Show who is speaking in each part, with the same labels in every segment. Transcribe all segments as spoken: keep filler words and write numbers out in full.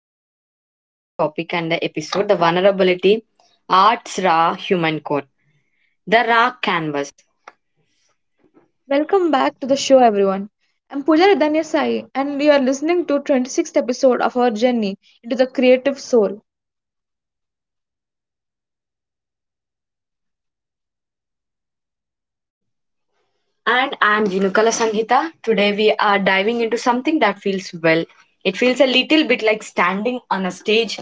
Speaker 1: are back with a new topic and the episode The Vulnerability Arts Raw Human Core, the Raw Canvas.
Speaker 2: Welcome back to the show, everyone. I'm Pujari Danyasai, and you are listening to twenty-sixth episode of our journey into the creative soul.
Speaker 1: And I'm Jinukala Sanghita. Today, we are diving into something that feels well. It feels a little bit like standing on a stage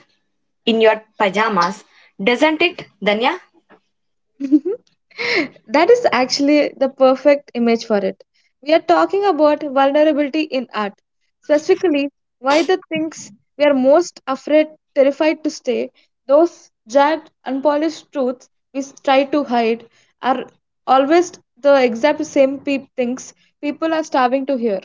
Speaker 1: in your pajamas, doesn't it, Danya?
Speaker 2: that is actually the perfect image for it. We are talking about vulnerability in art, specifically why the things we are most afraid, terrified to say, those jagged, unpolished truths we s- try to hide, are always the exact same pe- things people are starving to hear.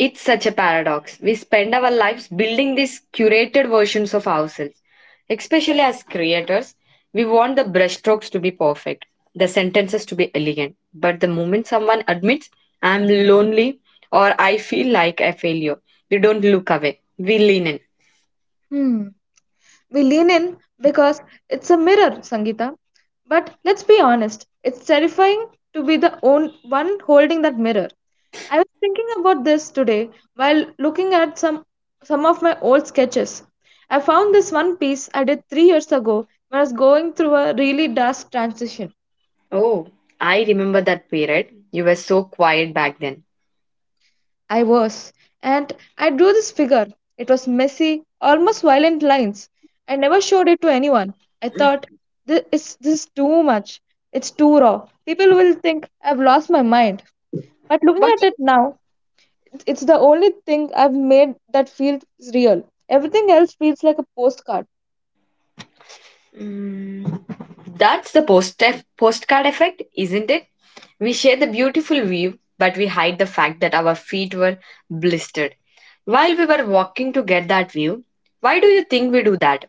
Speaker 1: It's such a paradox. We spend our lives building these curated versions of ourselves. Especially as creators, we want the brushstrokes to be perfect, the sentences to be elegant. But the moment someone admits, I'm lonely or I feel like a failure, we don't look away. We lean in.
Speaker 2: Hmm. We lean in because it's a mirror, Sangeeta. But let's be honest, it's terrifying to be the own one holding that mirror. I was thinking about this today while looking at some some of my old sketches. I found this one piece I did three years ago when I was going through a really dark transition.
Speaker 1: Oh, I remember that period. You were so quiet back then.
Speaker 2: I was, and I drew this figure. It was messy, almost violent lines. I never showed it to anyone. I thought, this, it's, this is too much. It's too raw. People will think I've lost my mind. But looking
Speaker 1: But
Speaker 2: at it now, it's it's the only thing I've made that feels real. Everything else feels like a postcard.
Speaker 1: mm, that's the post postcard effect, isn't it? We share the beautiful view, but we hide the fact that our feet were blistered while we were walking to get that view. Why do you think we do that?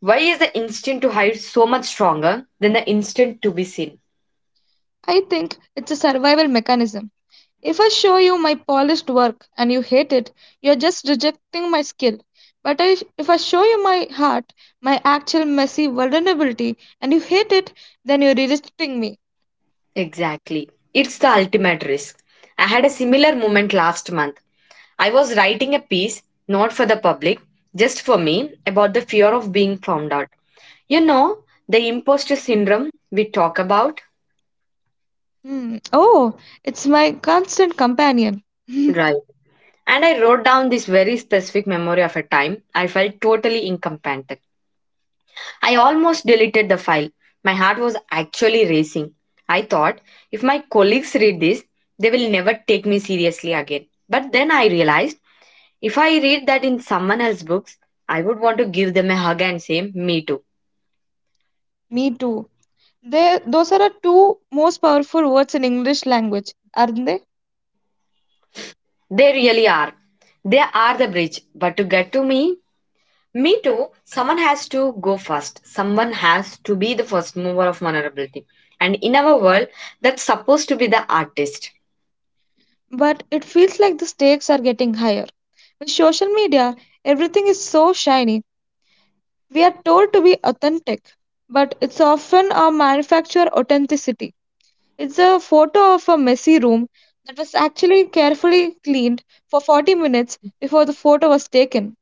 Speaker 1: Why is the instinct to hide so much stronger than the instinct to be seen?
Speaker 2: I think it's a survival mechanism. If I show you my polished work and you hate it, you're just rejecting my skill. But I, if I show you my heart, my actual messy vulnerability, and you hate it, then you're rejecting me.
Speaker 1: Exactly. It's the ultimate risk. I had a similar moment last month. I was writing a piece, not for the public, just for me, about the fear of being found out. You know, the imposter syndrome we talk about,
Speaker 2: Hmm. Oh, it's my constant companion. me
Speaker 1: right? And I wrote down this very specific memory of a time I felt totally incompetent. I almost deleted the file. My heart was actually racing. I thought, if my colleagues read this, they will never take me seriously again. But then I realized, if I read that in someone else's books, I would want to give them a hug and say, me too.
Speaker 2: too. They, those are the two most powerful words in English language, aren't they?
Speaker 1: They really are. They are the bridge, but to get to me, me too. Someone has to go first. Someone has to be the first mover of vulnerability. And in our world, that's supposed to be the artist.
Speaker 2: But it feels like the stakes are getting higher. With social media, everything is so shiny. We are told to be authentic, but it's often a manufactured authenticity. It's a photo of a messy room that was actually carefully cleaned for forty minutes before the photo was taken.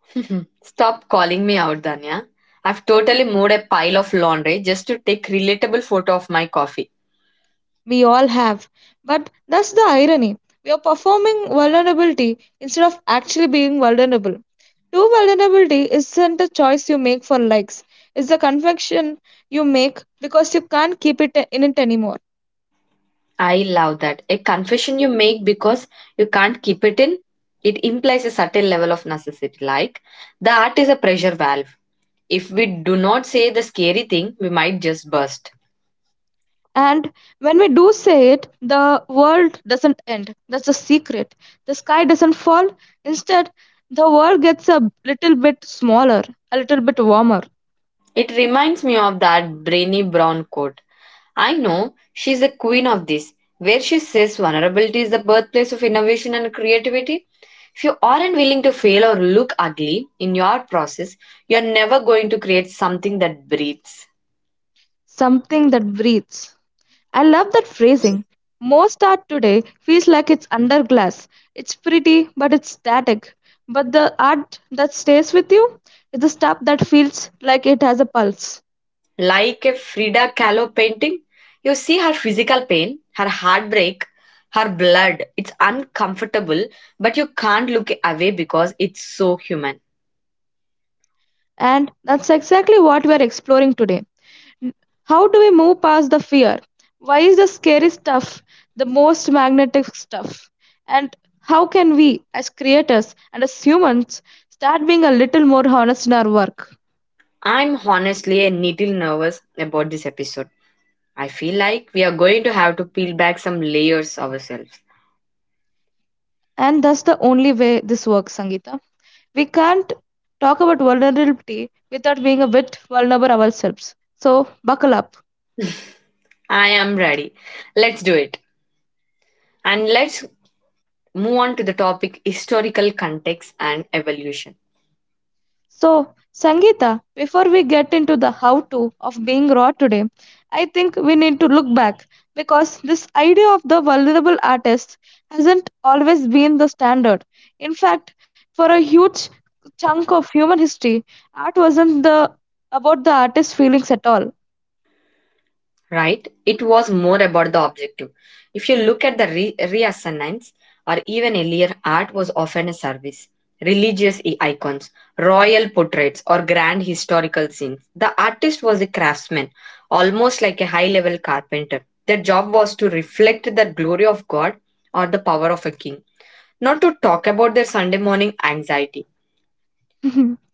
Speaker 1: Stop calling me out, Danya. I've totally moved a pile of laundry just to take relatable photo of my coffee.
Speaker 2: We all have. But that's the irony. We are performing vulnerability instead of actually being vulnerable. True vulnerability isn't a choice you make for likes, it's a confession you make because you can't keep it in it anymore.
Speaker 1: I love that. A confession you make because you can't keep it in, it implies a certain level of necessity. Like the art is a pressure valve. If we do not say the scary thing, we might just burst.
Speaker 2: And when we do say it, the world doesn't end. That's the secret. The sky doesn't fall. Instead, the world gets a little bit smaller, a little bit warmer,
Speaker 1: It reminds me of that brainy brown quote. I know she's the queen of this, where she says vulnerability is the birthplace of innovation and creativity. If you aren't willing to fail or look ugly in your process, you're never going to create something that breathes.
Speaker 2: something that breathes. I love that phrasing. Most art today feels like it's under glass. It's pretty, but it's static. But the art that stays with you is the stuff that feels like it has a pulse.
Speaker 1: Like a Frida Kahlo painting, you see her physical pain, her heartbreak, her blood. It's uncomfortable, but you can't look away because it's so human.
Speaker 2: And that's exactly what we are exploring today. How do we move past the fear? Why is the scary stuff the most magnetic stuff? And how can we, as creators and as humans, start being a little more honest in our work?
Speaker 1: I'm honestly a little nervous about this episode. I feel like we are going to have to peel back some layers ourselves.
Speaker 2: And that's the only way this works, Sangeeta. We can't talk about vulnerability without being a bit vulnerable ourselves. So, buckle up.
Speaker 1: I am ready. Let's do it. And let's move on to the topic historical context and evolution.
Speaker 2: So, Sangeeta, before we get into the how to of being raw today, I think we need to look back because this idea of the vulnerable artist hasn't always been the standard. In fact, for a huge chunk of human history, art wasn't the about the artist's feelings at all.
Speaker 1: Right? It was more about the objective. If you look at the re- reassignments or even earlier, art was often a service. Religious i- icons, royal portraits, or grand historical scenes. The artist was a craftsman, almost like a high level carpenter. Their job was to reflect the glory of God or the power of a king, not to talk about their Sunday morning anxiety.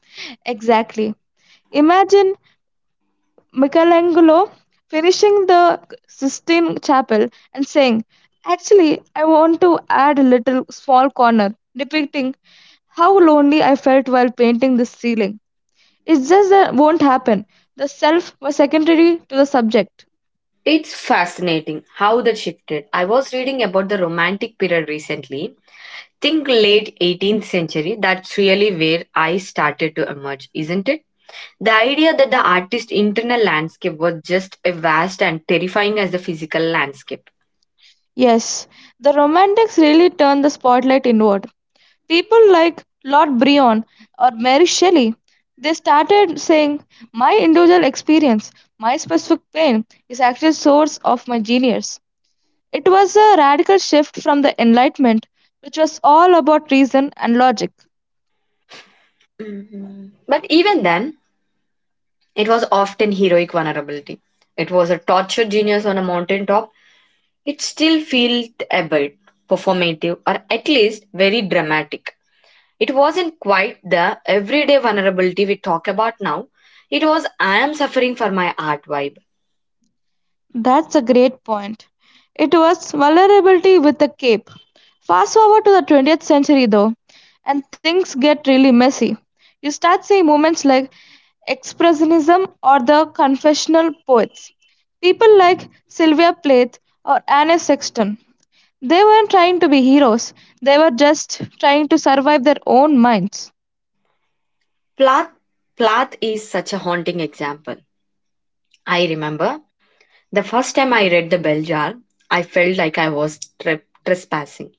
Speaker 2: exactly. Imagine Michelangelo finishing the Sistine Chapel and saying, Actually, I want to add a little small corner depicting how lonely I felt while painting this ceiling. It's just that won't happen. The self was secondary to the subject.
Speaker 1: It's fascinating how that shifted. I was reading about the Romantic period recently think late eighteenth century, that's really where I started to emerge, isn't it? The idea that the artist's internal landscape was just as vast and terrifying as the physical landscape.
Speaker 2: Yes, the Romantics really turned the spotlight inward. People like Lord Byron or Mary Shelley, they started saying, My individual experience, my specific pain, is actually source of my genius. It was a radical shift from the Enlightenment, which was all about reason and logic.
Speaker 1: Hmm, but even then, it was often heroic vulnerability. It was a tortured genius on a mountaintop. It still felt a bit performative or at least very dramatic. It wasn't quite the everyday vulnerability we talk about now. It was I am suffering for my art vibe.
Speaker 2: That's a great point. It was vulnerability with a cape. Fast forward to the twentieth century, though, and things get really messy. You start seeing movements like Expressionism or the confessional poets. People like Sylvia Plath or Anne Sexton. They weren't trying to be heroes, they were just trying to survive their own minds.
Speaker 1: Plath, Plath is such a haunting example. I remember the first time I read The Bell Jar, I felt like I was tre- trespassing.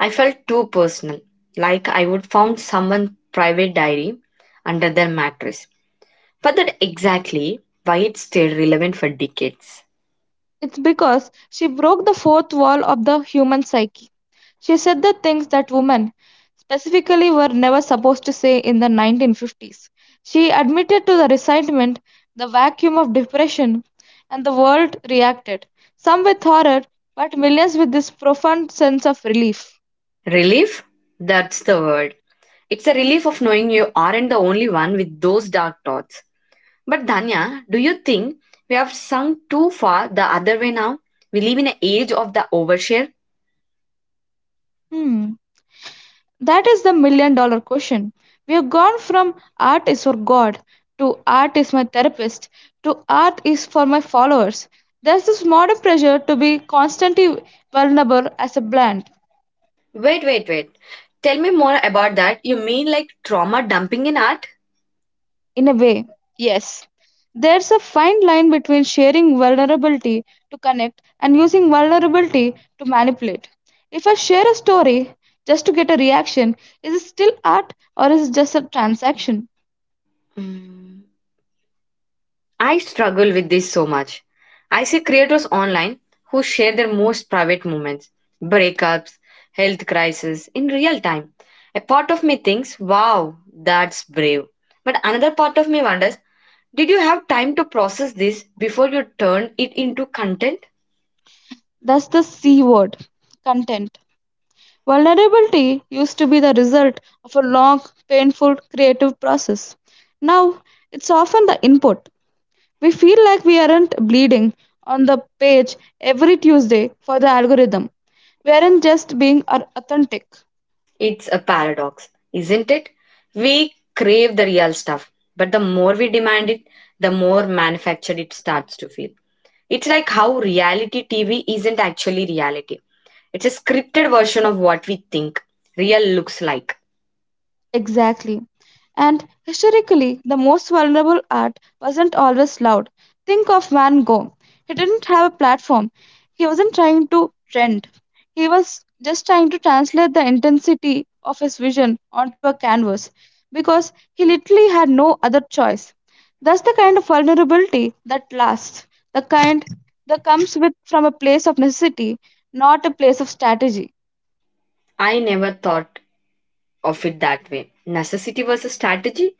Speaker 1: I felt too personal, like I would found someone's private diary under their mattress. But that exactly why it stayed relevant for decades.
Speaker 2: It's because she broke the fourth wall of the human psyche. She said the things that women, specifically, were never supposed to say in the nineteen fifties. She admitted to the resentment, the vacuum of depression, and the world reacted, some with horror, but millions with this profound sense of relief.
Speaker 1: Relief? That's the word. It's a relief of knowing you aren't the only one with those dark thoughts. But Danya, do you think we have sunk too far the other way now? We live in an age of the overshare.
Speaker 2: Hmm. That is the million dollar question. We have gone from art is for God to art is my therapist to art is for my followers. There's this modern pressure to be constantly vulnerable as a brand.
Speaker 1: Wait, wait, wait. Tell me more about that. You mean like trauma dumping in art?
Speaker 2: In a way, yes. There's a fine line between sharing vulnerability to connect and using vulnerability to manipulate. If I share a story just to get a reaction, is it still art or is it just a transaction?
Speaker 1: Mm, I struggle with this so much. I see creators online who share their most private moments, breakups, health crises, in real time. A part of me thinks, wow, that's brave. But another part of me wonders, did you have time to process this before you turn it into content?
Speaker 2: That's the C word content. Vulnerability used to be the result of a long, painful creative process. Now, it's often the input. We feel like we aren't bleeding on the page every Tuesday for the algorithm. We aren't just being ar- authentic.
Speaker 1: It's a paradox, isn't it? We crave the real stuff, but the more we demand it, the more manufactured it starts to feel. It's like how reality T V isn't actually reality, it's a scripted version of what we think real looks like.
Speaker 2: Exactly. And historically, the most vulnerable art wasn't always loud. Think of Van Gogh. He didn't have a platform. He wasn't trying to trend. He was just trying to translate the intensity of his vision onto a canvas because he literally had no other choice. That's the kind of vulnerability that lasts, the kind that comes with from a place of necessity, not a place of strategy.
Speaker 1: I never thought of it that way. Necessity versus strategy?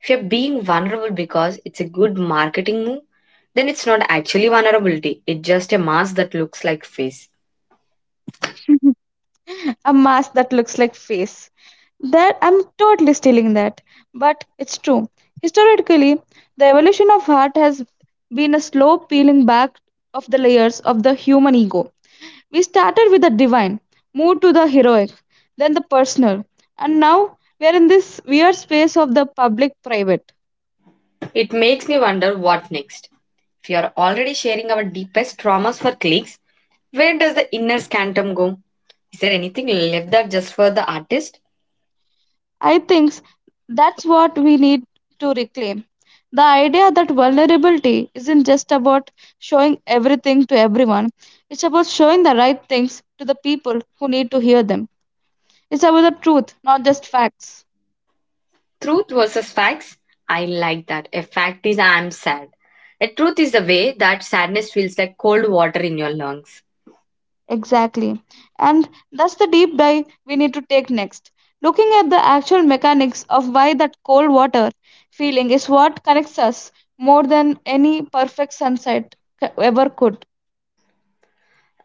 Speaker 1: If you're being vulnerable because it's a good marketing move, then it's not actually vulnerability, it's just a mask that looks like face.
Speaker 2: a mask that looks like face. That I'm totally stealing that, but it's true. Historically, the evolution of art has been a slow peeling back of the layers of the human ego. We started with the divine, moved to the heroic, then the personal, and now we are in this weird space of the public private.
Speaker 1: It makes me wonder what next. If you are already sharing our deepest traumas for clicks, where does the inner scantum go? Is there anything left that just for the artist?
Speaker 2: I think that's what we need to reclaim. The idea that vulnerability isn't just about showing everything to everyone, it's about showing the right things to the people who need to hear them. It's about the truth, not just facts.
Speaker 1: Truth versus facts? I like that. A fact is I'm sad. A truth is the way that sadness feels like cold water in your lungs.
Speaker 2: Exactly. And that's the deep dive we need to take next. Looking at the actual mechanics of why that cold water feeling is what connects us more than any perfect sunset c- ever could.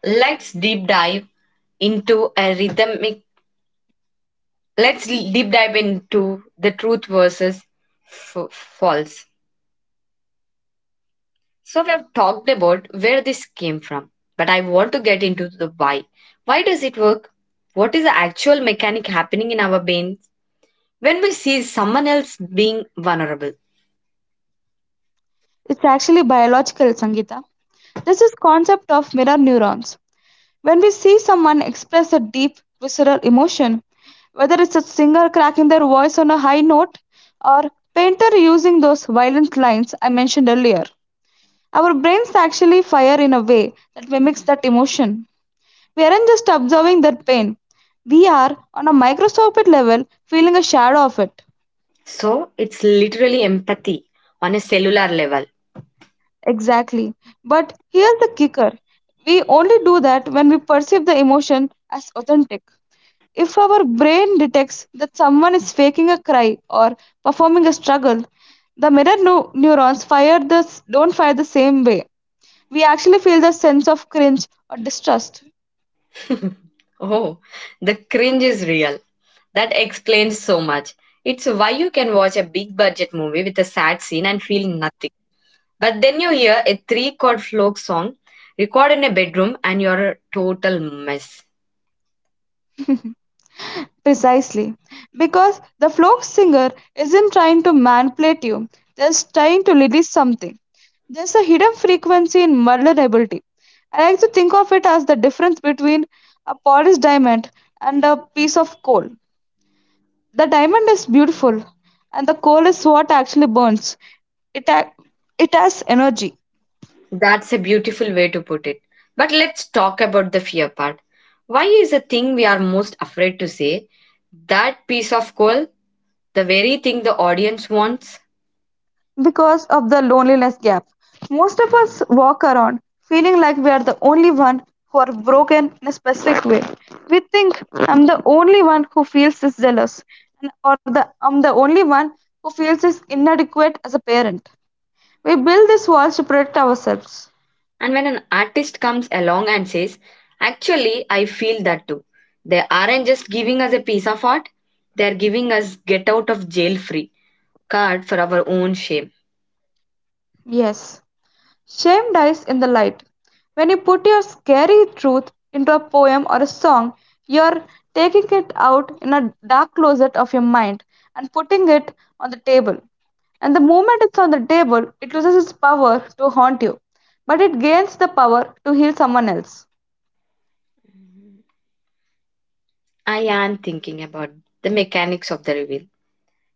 Speaker 1: Let's deep dive into a rhythmic. Let's deep dive into the truth versus f- false. So we have talked about where this came from, but I want to get into the why. Why does it work? What is the actual mechanic happening in our brains when we see someone else being vulnerable?
Speaker 2: It's actually biological, Sangeeta. This is concept of mirror neurons. When we see someone express a deep visceral emotion, whether it's a singer cracking their voice on a high note or painter using those violent lines I mentioned earlier, our brains actually fire in a way that mimics that emotion. We aren't just observing their pain. We are, on a microscopic level, feeling a shadow of it.
Speaker 1: So it's literally empathy on a cellular level.
Speaker 2: Exactly. But here's the kicker we only do that when we perceive the emotion as authentic. If our brain detects that someone is faking a cry or performing a struggle, the mirror neu- neurons fire this don't fire the same way. We actually feel the sense of cringe or distrust.
Speaker 1: Oh, the cringe is real. That explains so much. It's why you can watch a big budget movie with a sad scene and feel nothing. But then you hear a three chord folk song recorded in a bedroom and you're a total mess.
Speaker 2: Precisely. Because the folk singer isn't trying to manipulate you, they're trying to release something. There's a hidden frequency in vulnerability. I like to think of it as the difference between a polished diamond and a piece of coal. The diamond is beautiful, and the coal is what actually burns. It, ac- it has energy.
Speaker 1: That's a beautiful way to put it. But let's talk about the fear part. Why is the thing we are most afraid to say that piece of coal, the very thing the audience wants?
Speaker 2: Because of the loneliness gap. Most of us walk around feeling like we are the only one who are broken in a specific way. We think I'm the only one who feels this jealous, and or the I'm the only one who feels this inadequate as a parent. We build these walls to protect ourselves.
Speaker 1: And when an artist comes along and says, actually, I feel that too, they aren't just giving us a piece of art, they're giving us get out of jail free card for our own shame.
Speaker 2: Yes. Shame dies in the light. When you put your scary truth into a poem or a song, you're taking it out in a dark closet of your mind and putting it on the table. And the moment it's on the table, it loses its power to haunt you, but it gains the power to heal someone else.
Speaker 1: I am thinking about the mechanics of the reveal.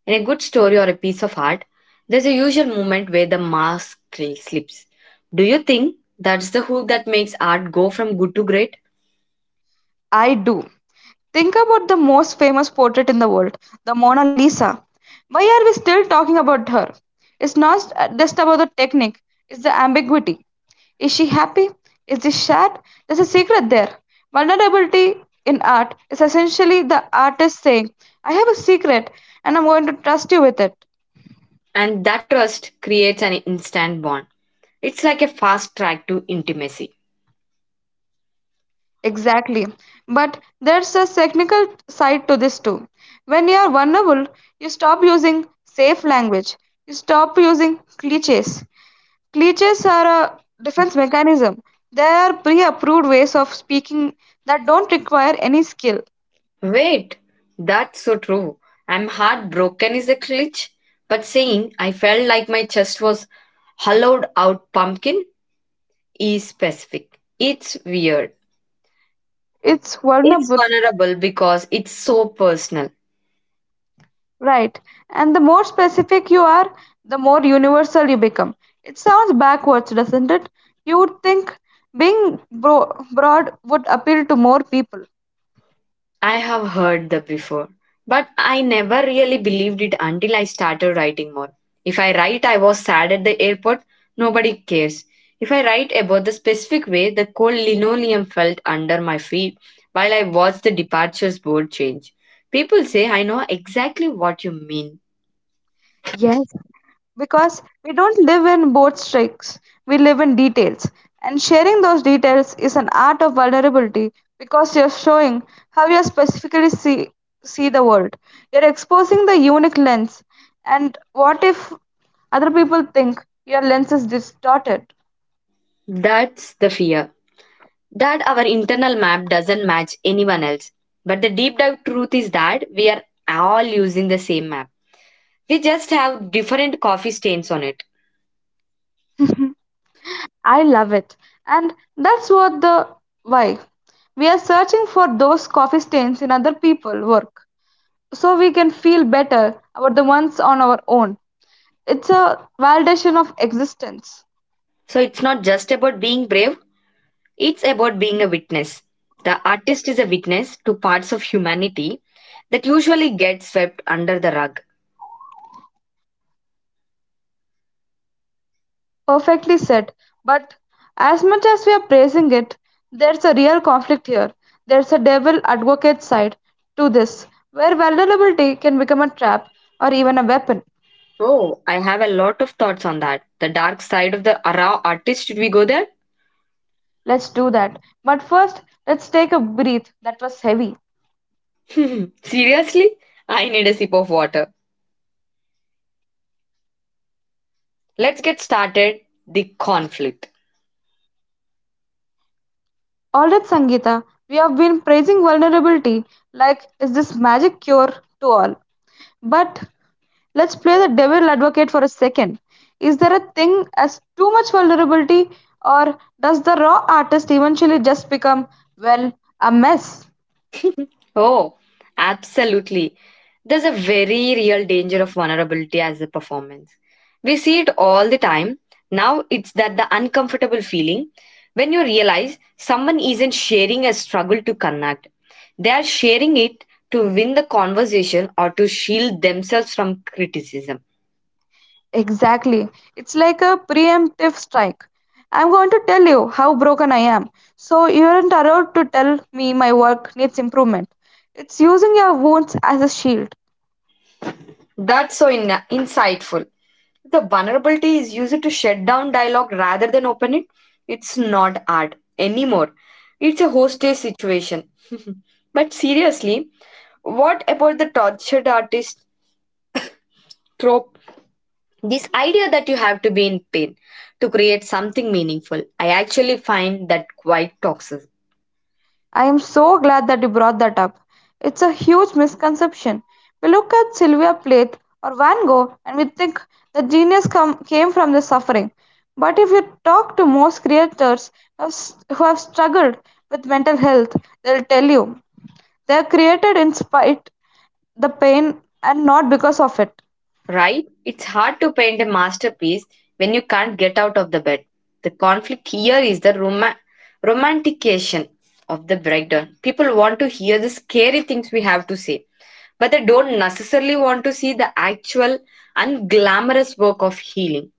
Speaker 1: In a good story or a piece of art, there's a usual moment where the mask cl- slips. Do you think that's the hook that makes art go from good to great?
Speaker 2: I do. Think about the most famous portrait in the world, the Mona Lisa. Why are we still talking about her? It's not just about the technique, it's the ambiguity. Is she happy? Is she sad? There's a secret there. Vulnerability in art is essentially the artist saying, I have a secret and I'm going to trust you with it.
Speaker 1: And that trust creates an instant bond. It's like a fast track to intimacy.
Speaker 2: Exactly. But there's a technical side to this too. When you are vulnerable, you stop using safe language, you stop using cliches, cliches are a defense mechanism. They are pre-approved ways of speaking that don't require any skill.
Speaker 1: Wait, that's so true. I'm heartbroken is a glitch, but saying I felt like my chest was hollowed out pumpkin is specific. It's weird.
Speaker 2: It's
Speaker 1: It's
Speaker 2: vulnerable,
Speaker 1: vulnerable because it's so personal.
Speaker 2: right? And the more specific you are, the more universal you become. It sounds backwards, doesn't it? You would think being bro- broad would appeal to more people.
Speaker 1: I have heard that before, but I never really believed it until I started writing more. If I write, I was sad at the airport, nobody cares. If I write about the specific way the cold linoleum felt under my feet while I watched the departures board change, people say, I know exactly what you mean.
Speaker 2: Yes, because we don't live in boat tricks, we live in details. And sharing those details is an art of vulnerability because you're showing how you specifically see, see the world. You're exposing the unique lens. And what if other people think your lens is distorted?
Speaker 1: That's the fear that our internal map doesn't match anyone else. But the deep dive truth is that we are all using the same map. We just have different coffee stains on it.
Speaker 2: I love it. And that's what the why. We are searching for those coffee stains in other people's work so we can feel better about the ones on our own. It's a validation of existence.
Speaker 1: So it's not just about being brave, it's about being a witness. The artist is a witness to parts of humanity that usually get swept under the rug.
Speaker 2: Perfectly said. But as much as we are praising it, there's a real conflict here. There's a devil advocate side to this, where vulnerability can become a trap or even a weapon.
Speaker 1: Oh, I have a lot of thoughts on that. The dark side of the raw artist, should we go there?
Speaker 2: Let's do that. But first, let's take a breath. That was heavy.
Speaker 1: Seriously? I need a sip of water. Let's get started. The conflict.
Speaker 2: All right, Sangeeta, we have been praising vulnerability like it's this magic cure to all. But let's play the devil advocate for a second. Is there a thing as too much vulnerability, or does the raw artist eventually just become, well, a mess?
Speaker 1: Oh, absolutely. There's a very real danger of vulnerability as a performance. We see it all the time. Now it's that the uncomfortable feeling when you realize someone isn't sharing a struggle to connect. They are sharing it to win the conversation or to shield themselves from criticism.
Speaker 2: Exactly. It's like a preemptive strike. I'm going to tell you how broken I am, so you aren't allowed to tell me my work needs improvement. It's using your wounds as a shield.
Speaker 1: That's so in- insightful. The vulnerability is used to shut down dialogue rather than open it. It's not art anymore. It's a hostage situation. But seriously, what about the tortured artist trope? This idea that you have to be in pain to create something meaningful. I actually find that quite toxic.
Speaker 2: I am so glad that you brought that up. It's a huge misconception. We look at Sylvia Plath or Van Gogh and we think the genius come, came from the suffering. But if you talk to most creators who have s- who have struggled with mental health, they'll tell you they are created in spite the pain and not because of it.
Speaker 1: Right? It's hard to paint a masterpiece when you can't get out of the bed. The conflict here is the roma- romantication of the breakdown. People want to hear the scary things we have to say, but they don't necessarily want to see the actual unglamorous work of healing.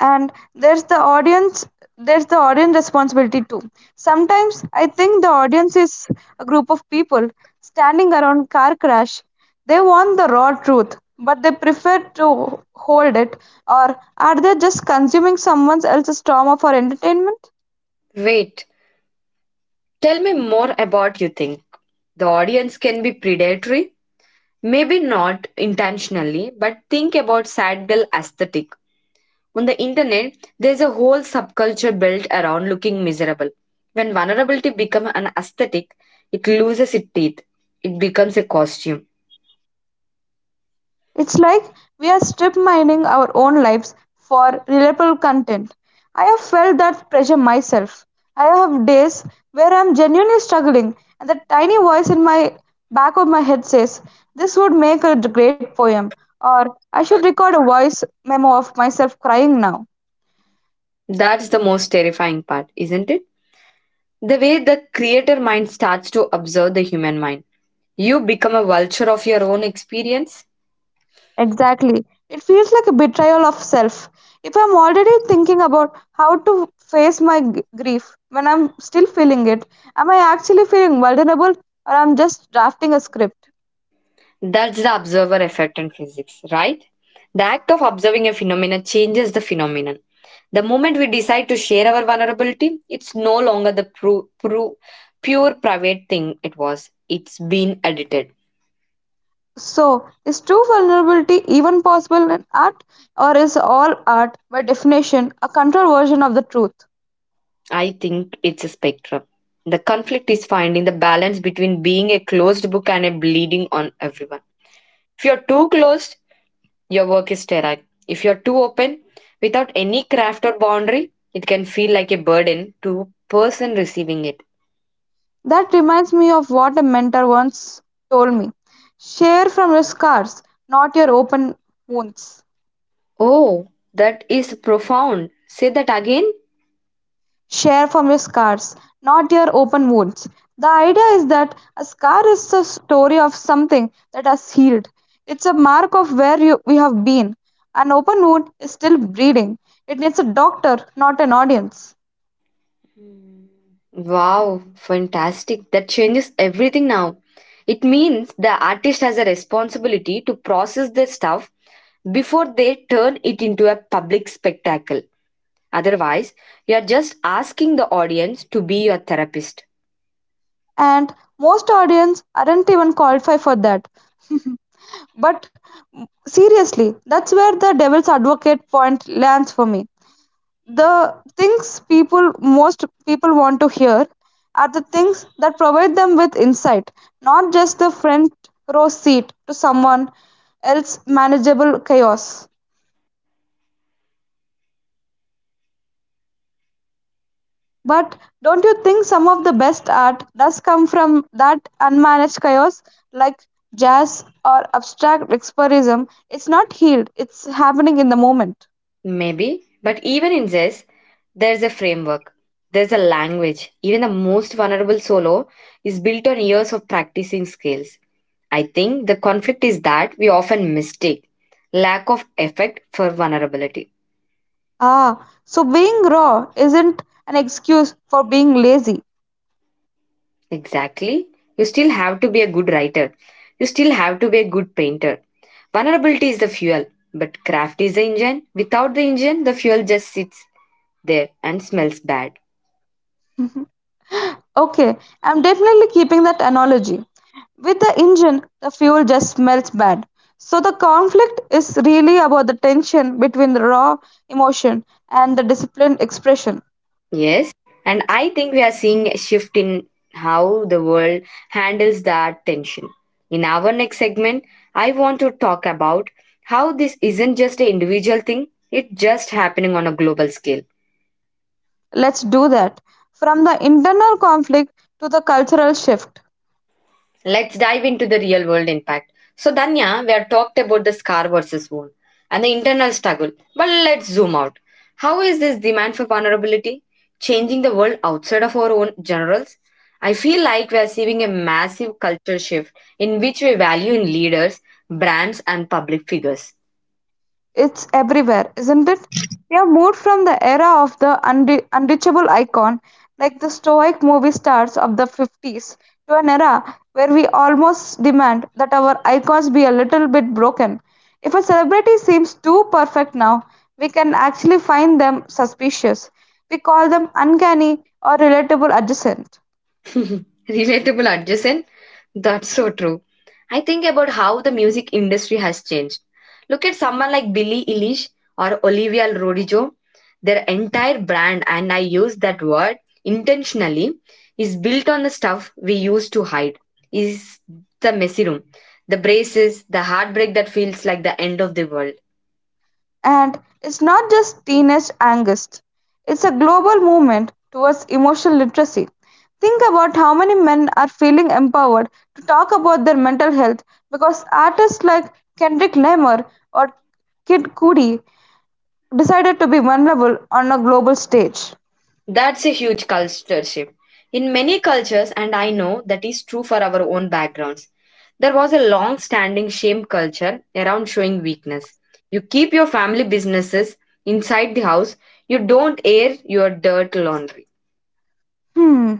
Speaker 2: And there's the audience there's the audience responsibility too. Sometimes I think the audience is a group of people standing around car crash. They want the raw truth but they prefer to hold it, or are they just consuming someone else's trauma for entertainment?
Speaker 1: Wait, tell me more about you think. The audience can be predatory, maybe not intentionally, but think about sad girl aesthetic. On the internet, there's a whole subculture built around looking miserable. When vulnerability becomes an aesthetic, it loses its teeth. It becomes a costume.
Speaker 2: It's like we're strip mining our own lives for reliable content. I have felt that pressure myself. I have days where I'm genuinely struggling, and that tiny voice in my back of my head says, "This would make a great poem," or "I should record a voice memo of myself crying now."
Speaker 1: That's the most terrifying part, isn't it? The way the creator mind starts to observe the human mind. You become a vulture of your own experience.
Speaker 2: Exactly. It feels like a betrayal of self. If I'm already thinking about how to face my g- grief when I'm still feeling it, am I actually feeling vulnerable or I'm just drafting a script?
Speaker 1: That's the observer effect in physics, right? The act of observing a phenomenon changes the phenomenon. The moment we decide to share our vulnerability, it's no longer the pru- pru- pure private thing it was. It's been edited.
Speaker 2: So, is true vulnerability even possible in art, or is all art by definition a controlled version of the truth?
Speaker 1: I think it's a spectrum. The conflict is finding the balance between being a closed book and a bleeding on everyone. If you're too closed, your work is sterile. If you're too open, without any craft or boundary, it can feel like a burden to person receiving it.
Speaker 2: That reminds me of what a mentor once told me. Share from your scars, not your open wounds.
Speaker 1: Oh, that is profound. Say that again.
Speaker 2: Share from your scars, not your open wounds. The idea is that a scar is the story of something that has healed. It's a mark of where you, we have been. An open wound is still bleeding. It needs a doctor, not an audience.
Speaker 1: Hmm. Wow, fantastic. That changes everything now. It means the artist has a responsibility to process their stuff before they turn it into a public spectacle. Otherwise, you are just asking the audience to be your therapist.
Speaker 2: And most audience aren't even qualified for that. But seriously, that's where the devil's advocate point lands for me. The things people most people want to hear are the things that provide them with insight, not just the front row seat to someone else's manageable chaos. But don't you think some of the best art does come from that unmanaged chaos, like jazz or abstract expressionism? It's not healed, it's happening in the moment.
Speaker 1: Maybe, but even in this, there's a framework, there's a language. Even the most vulnerable solo is built on years of practicing skills. I think the conflict is that we often mistake lack of effect for vulnerability.
Speaker 2: Ah, so being raw isn't an excuse for being lazy.
Speaker 1: Exactly. You still have to be a good writer. You still have to be a good painter. Vulnerability is the fuel, but craft is the engine. Without the engine, the fuel just sits there and smells bad.
Speaker 2: Okay, I'm definitely keeping that analogy. With the engine, the fuel just smells bad. So the conflict is really about the tension between the raw emotion and the disciplined expression.
Speaker 1: Yes, and I think we are seeing a shift in how the world handles that tension. In our next segment, I want to talk about how this isn't just an individual thing, it's just happening on a global scale.
Speaker 2: Let's do that. From the internal conflict to the cultural shift.
Speaker 1: Let's dive into the real world impact. So, Danya, we have talked about the scar versus wound and the internal struggle. But let's zoom out. How is this demand for vulnerability changing the world outside of our own generals? I feel like we are seeing a massive cultural shift in which we value in leaders, brands, and public figures.
Speaker 2: It's everywhere, isn't it? We have moved from the era of the unre- unreachable icon, like the stoic movie stars of the fifties, to an era where we almost demand that our icons be a little bit broken. If a celebrity seems too perfect now, we can actually find them suspicious. We call them uncanny or relatable adjacent.
Speaker 1: Relatable adjacent? That's so true. I think about how the music industry has changed. Look at someone like Billie Eilish or Olivia Rodrigo. Their entire brand, and I use that word intentionally, is built on the stuff we used to hide. Is the messy room, the braces, the heartbreak that feels like the end of the world.
Speaker 2: And it's not just teenage angst, it's a global movement towards emotional literacy. Think about how many men are feeling empowered to talk about their mental health because artists like Kendrick Lamar or Kid Cudi decided to be vulnerable on a global stage.
Speaker 1: That's a huge culture shift. In many cultures, and I know that is true for our own backgrounds, there was a long standing shame culture around showing weakness. You keep your family businesses inside the house, you don't air your dirt laundry.
Speaker 2: Hmm.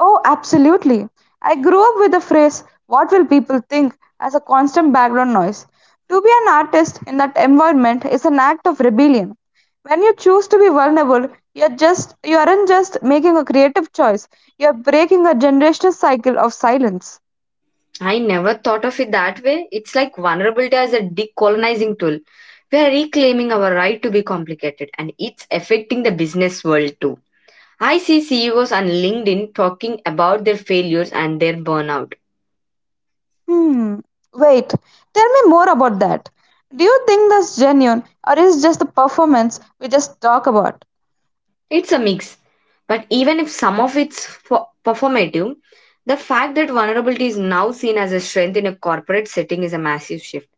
Speaker 2: Oh, absolutely. I grew up with the phrase, "what will people think," as a constant background noise. To be an artist in that environment is an act of rebellion. When you choose to be vulnerable, you're just you aren't just making a creative choice, you're breaking a generational cycle of silence.
Speaker 1: I never thought of it that way. It's like vulnerability as a decolonizing tool. We are reclaiming our right to be complicated, and it's affecting the business world too. I see C E Os on LinkedIn talking about their failures and their burnout.
Speaker 2: Hmm. Wait, tell me more about that. Do you think that's genuine or is just a performance we just talk about?
Speaker 1: It's a mix, but even if some of it's fo- performative, the fact that vulnerability is now seen as a strength in a corporate setting is a massive shift.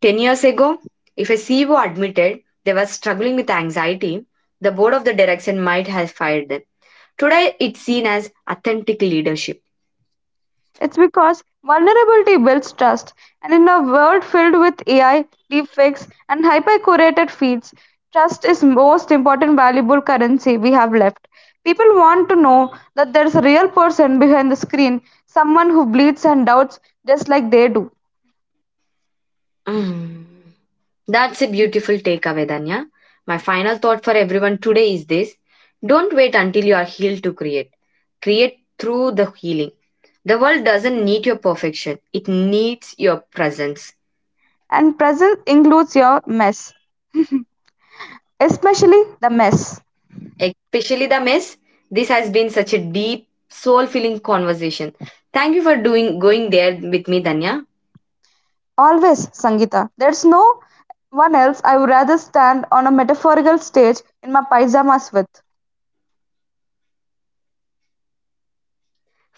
Speaker 1: ten years ago, if a C E O admitted they were struggling with anxiety, the board of the direction might have fired them. Today, it's seen as authentic leadership.
Speaker 2: It's because vulnerability builds trust. And in a world filled with A I, deepfakes, and hyper curated feeds, trust is most important valuable currency we have left. People want to know that there's a real person behind the screen, someone who bleeds and doubts just like they do.
Speaker 1: Mm. That's a beautiful takeaway, Danya. My final thought for everyone today is this: don't wait until you are healed to create. Create through the healing. The world doesn't need your perfection, it needs your presence.
Speaker 2: And presence includes your mess, especially the mess.
Speaker 1: Especially the mess. This has been such a deep, soul filling conversation. Thank you for doing going there with me, Danya.
Speaker 2: Always, Sangita. There's no one else I would rather stand on a metaphorical stage in my pajamas with.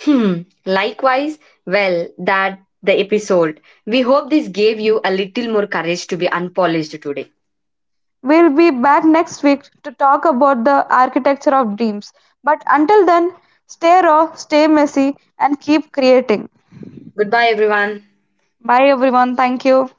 Speaker 1: Hmm. Likewise, well, that the episode. We hope this gave you a little more courage to be unpolished today.
Speaker 2: We'll be back next week to talk about the architecture of dreams. But until then, stay raw, stay messy, and keep creating.
Speaker 1: Goodbye, everyone.
Speaker 2: Bye, everyone. Thank you.